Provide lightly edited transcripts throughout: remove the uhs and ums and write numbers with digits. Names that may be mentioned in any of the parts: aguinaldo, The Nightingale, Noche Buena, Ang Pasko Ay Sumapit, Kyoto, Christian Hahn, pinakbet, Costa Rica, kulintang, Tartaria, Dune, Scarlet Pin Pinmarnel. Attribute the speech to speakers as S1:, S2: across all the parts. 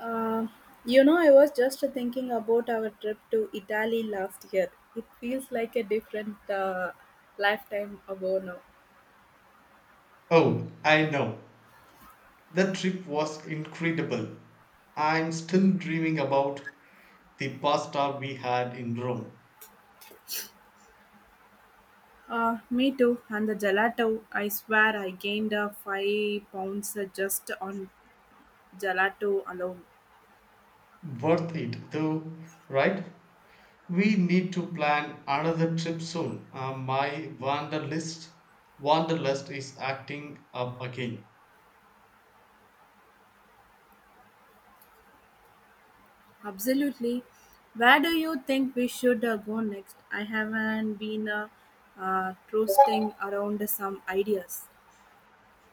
S1: Uh, I was just thinking about our trip to Italy last year. It feels like a different lifetime ago now.
S2: Oh, I know. The trip was incredible. I'm still dreaming about the pasta we had in Rome.
S1: Me too. And the gelato, I swear I gained 5 pounds just on gelato alone.
S2: Worth it though, right? We need to plan another trip soon. My wanderlust is acting up again.
S1: Absolutely. Where do you think we should go next? I haven't been trusting around some ideas.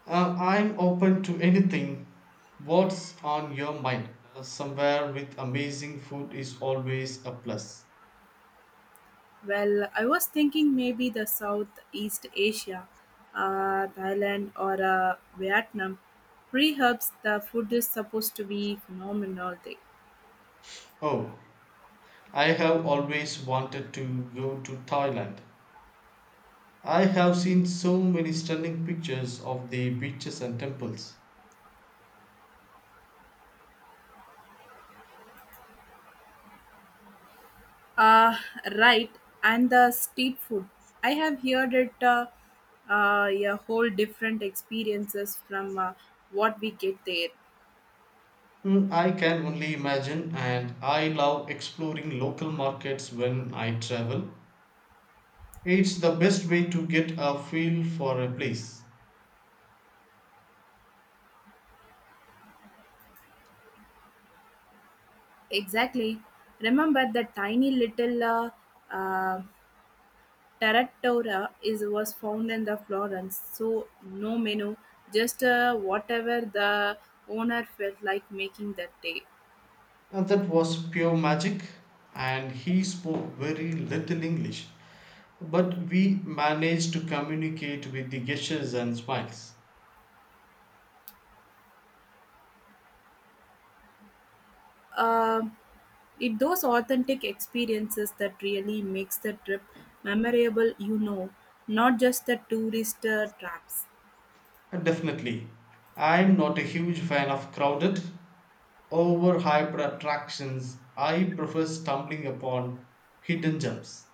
S2: I'm open to anything. What's on your mind? Somewhere with amazing food is always a plus.
S1: Well, I was thinking maybe the Southeast Asia, Thailand or Vietnam. Perhaps the food is supposed to be phenomenal there.
S2: Oh, I have always wanted to go to Thailand. I have seen so many stunning pictures of the beaches and temples.
S1: Uh, right, and the street food. I have heard it a whole different experiences from what we get there.
S2: Hmm, I can only imagine, and I love exploring local markets when I travel. It's the best way to get a feel for a place.
S1: Exactly. Remember the tiny little uh, Tartaria is was found in the Florence, so no menu, just whatever the owner felt like making that day.
S2: And that was pure magic, and he spoke very little English, but we managed to communicate with the gestures and smiles.
S1: Um it those authentic experiences that really makes the trip memorable. Not just the tourist traps.
S2: Definitely. I'm not a huge fan of crowded, overhyped attractions. I prefer stumbling upon hidden gems.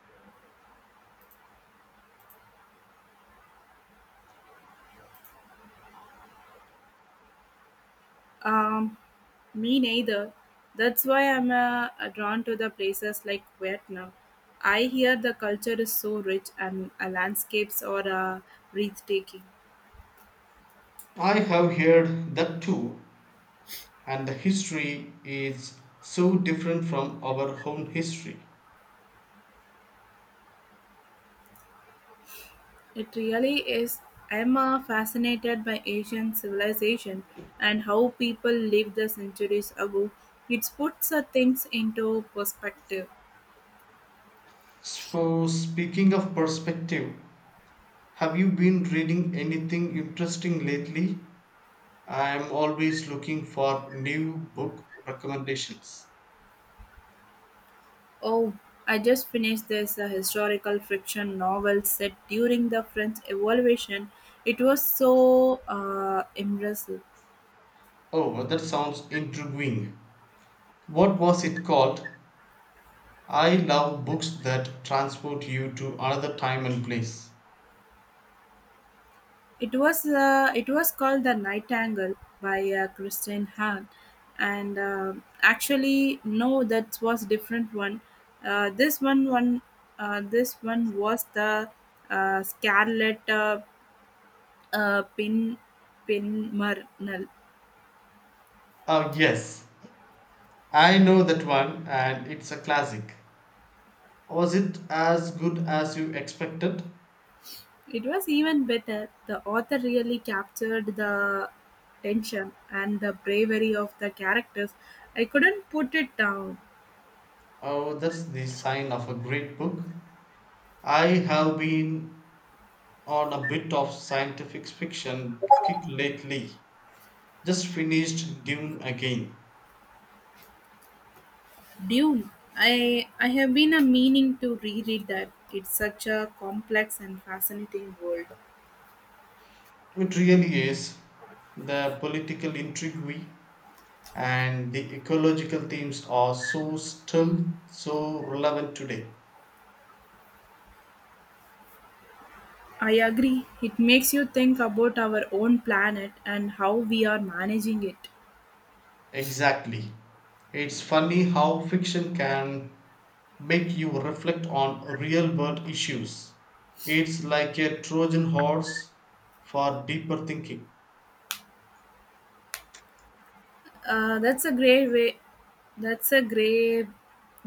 S1: Um, Me neither. That's why I'm drawn to the places like Vietnam. I hear the culture is so rich and landscapes are breathtaking.
S2: I have heard that too, and the history is so different from our own history.
S1: It really is. I'm fascinated by Asian civilization and how people lived the centuries ago. It puts things into perspective.
S2: So, speaking of perspective, have you been reading anything interesting lately? I'm always looking for new book recommendations.
S1: Oh, I just finished this historical fiction novel set during the French Revolution. It was so impressive.
S2: Oh, that sounds intriguing. What was it called? I love books that transport you to another time and place.
S1: It was called The Nightingale by Christian Hahn, and actually no, that was different one. This one one this one was the Scarlet Pin Pinmarnel.
S2: Ah, yes, I know that one, and it's a classic. Was it as good as you expected?
S1: It was even better. The author really captured the tension and the bravery of the characters. I couldn't put it down.
S2: Oh, that's the sign of a great book. I have been on a bit of scientific fiction kick lately. Just finished Dune again.
S1: Dune. I have been a meaning to reread that. It's such a complex and fascinating world.
S2: It really is. The political intrigue and the ecological themes are so still so relevant today.
S1: I agree. It makes you think about our own planet and how we are managing it.
S2: Exactly, it's funny how fiction can make you reflect on real world issues. It's like a trojan horse for deeper thinking.
S1: That's a great way. That's a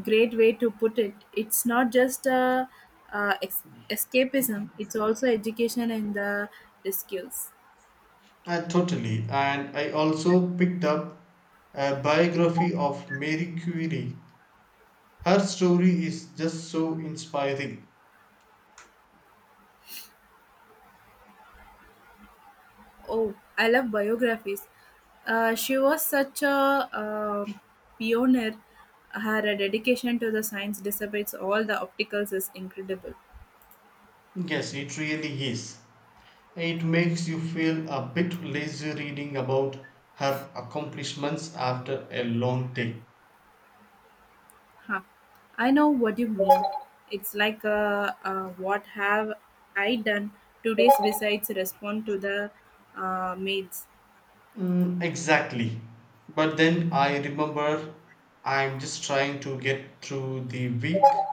S1: great way to put it. It's not just a, uh ex- escapism. It's also education in the skills.
S2: Totally, and I also picked up a biography of mary curie. Her story is just so inspiring.
S1: Oh, I love biographies. She was such a pioneer. Her dedication to the science, despite all the obstacles, is incredible.
S2: Yes, it really is. It makes you feel a bit lazy reading about her accomplishments after a long day.
S1: Huh. I know what you mean. It's like what have I done today besides respond to the maids?
S2: Mm, exactly. But then I remember I'm just trying to get through the week,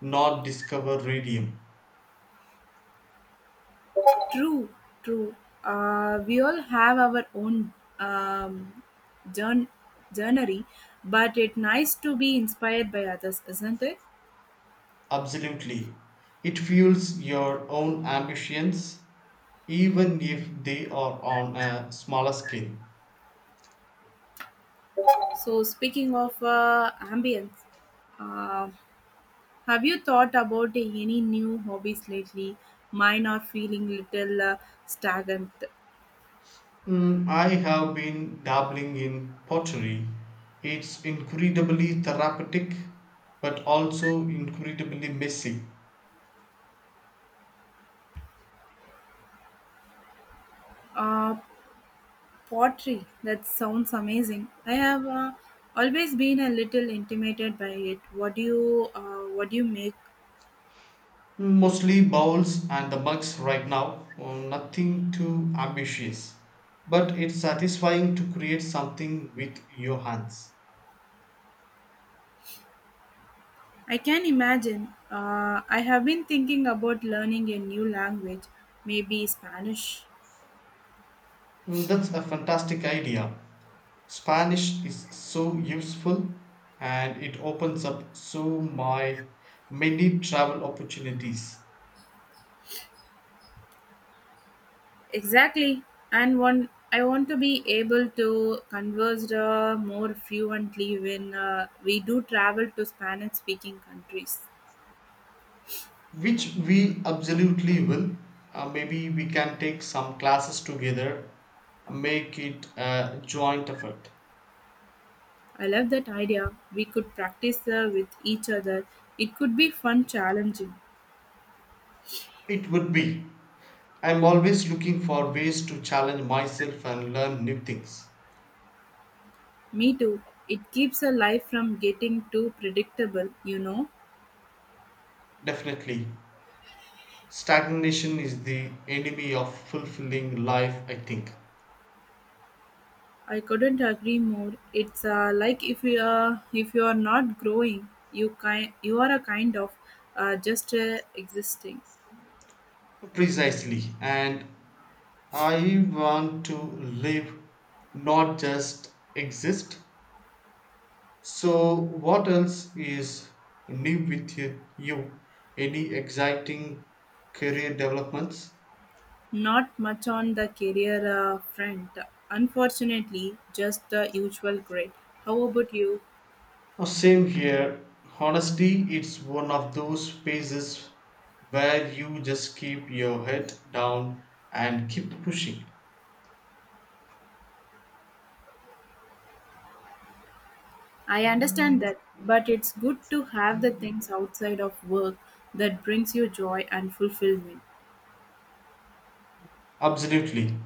S2: not discover radium.
S1: True, True. We all have our own um, journ- journey, but it's nice to be inspired by others, isn't it?
S2: Absolutely. It fuels your own ambitions, even if they are on a smaller scale.
S1: So, speaking of ambience, uh, have you thought about any new hobbies lately? Mine are feeling little stagnant.
S2: Mm, I have been dabbling in pottery. It's incredibly therapeutic, but also incredibly messy.
S1: Uh, Pottery, that sounds amazing. I have always been a little intimidated by it. What do what do you make?
S2: Mostly bowls and the mugs right now, nothing too ambitious. But it's satisfying to create something with your hands.
S1: I can imagine. I have been thinking about learning a new language, maybe Spanish.
S2: Mm, that's a fantastic idea. Spanish is so useful and it opens up so my many travel opportunities.
S1: Exactly, and one I want to be able to converse more fluently when we do travel to Spanish-speaking countries.
S2: Which we absolutely will. Maybe we can take some classes together, make it a joint effort.
S1: I love that idea. We could practice with each other. It could be fun, challenging.
S2: It would be. I'm always looking for ways to challenge myself and learn new things.
S1: Me too. It keeps a life from getting too predictable. You know,
S2: Definitely. Stagnation is the enemy of fulfilling life, I think.
S1: I couldn't agree more. It's like if you are not growing, you are a kind of just existing.
S2: Precisely. And I want to live, not just exist. So, what else is new with you? Any exciting career developments?
S1: Not much on the career front, unfortunately, just the usual grit. How about you?
S2: Oh, same here. Honestly, it's one of those spaces where you just keep your head down and keep pushing.
S1: I understand that, but it's good to have the things outside of work that brings you joy and fulfillment.
S2: Absolutely.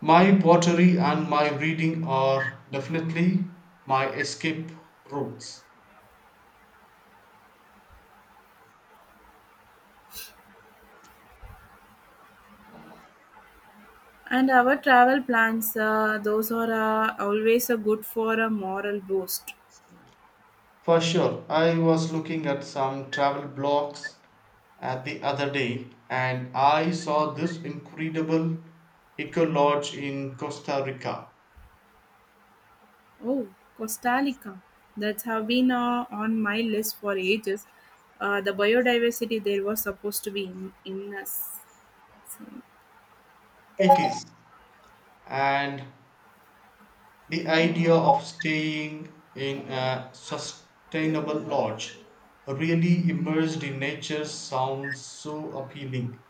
S2: My pottery and my reading are definitely my escape routes.
S1: And our travel plans, those are always good for a moral boost.
S2: For sure, I was looking at some travel blogs at the other day and I saw this incredible eco lodge in Costa Rica.
S1: Oh, Costa Rica. That have been on my list for ages. The biodiversity there was supposed to be in us.
S2: It is. And the idea of staying in a sustainable lodge, really immersed in nature, sounds so appealing.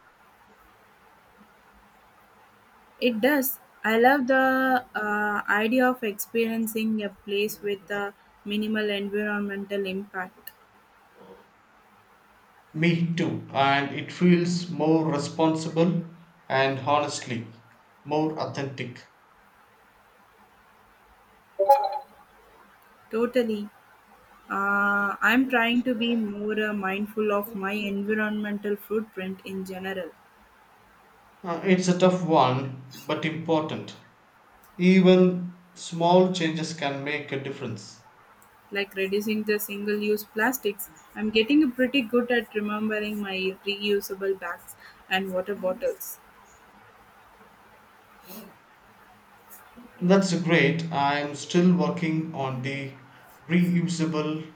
S1: It does. I love the idea of experiencing a place with a minimal environmental impact.
S2: Me too. And it feels more responsible and honestly more authentic.
S1: Totally. I'm trying to be more mindful of my environmental footprint in general,
S2: It's a tough one, but important. Even small changes can make a difference.
S1: like reducing the single use plastics. I'm getting pretty good at remembering my reusable bags and water bottles.
S2: That's great. I'm still working on the reusable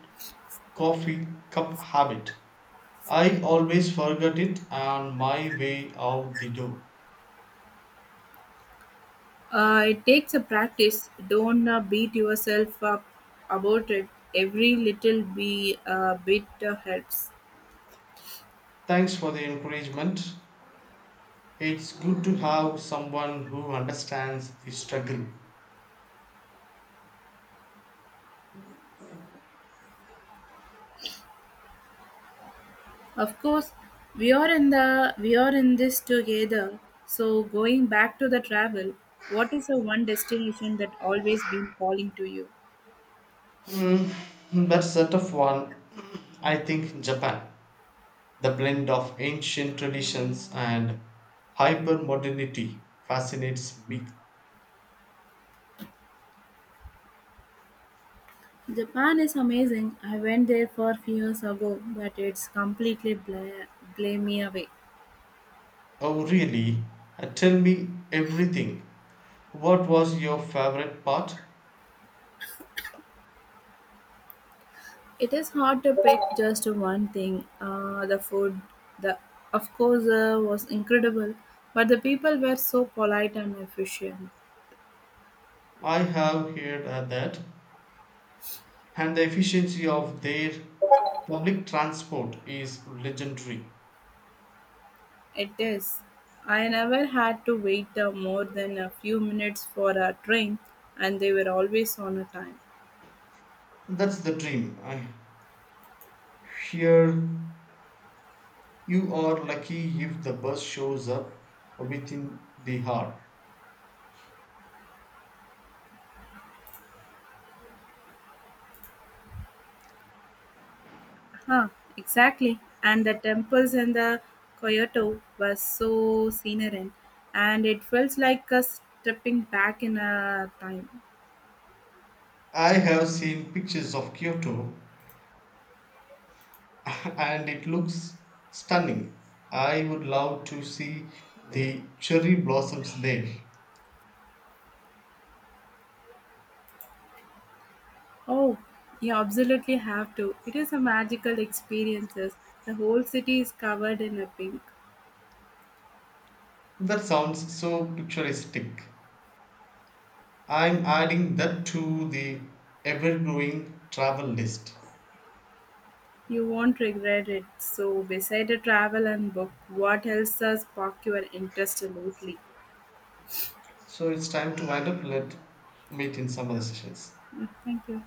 S2: coffee cup habit. I always forget it on my way out the door.
S1: It takes a practice. Don't beat yourself up about it. Every little be bit helps.
S2: Thanks for the encouragement. It's good to have someone who understands the struggle.
S1: Of course, we are in this together. So going back to the travel, what is the one destination that always been calling to you?
S2: Mm, that's a tough one. I think Japan. The blend of ancient traditions and hypermodernity fascinates me.
S1: Japan is amazing. I went there for few years ago, but it's completely blame me away.
S2: Oh, really? Tell me everything. What was your favorite part?
S1: It is hard to pick just one thing. The food, the of course, was incredible, but the people were so polite and efficient.
S2: I have heard that. And the efficiency of their public transport is legendary.
S1: It is. I never had to wait more than a few minutes for a train, and they were always on a time.
S2: That's the dream. I hear you are lucky if the bus shows up within the hour.
S1: Huh, exactly. And the temples in the Kyoto was so scenery, and it felt like a stepping back in a time.
S2: I have seen pictures of Kyoto and it looks stunning. I would love to see the cherry blossoms there.
S1: Oh, you absolutely have to. It is a magical experiences. The whole city is covered in a pink.
S2: That sounds so picturesque. I'm adding that to the ever growing travel list.
S1: You won't regret it. So, beside a travel and book, what else does sparked your interest lately?
S2: So it's time to wind up. Let meet in some other sessions.
S1: Mm, thank you.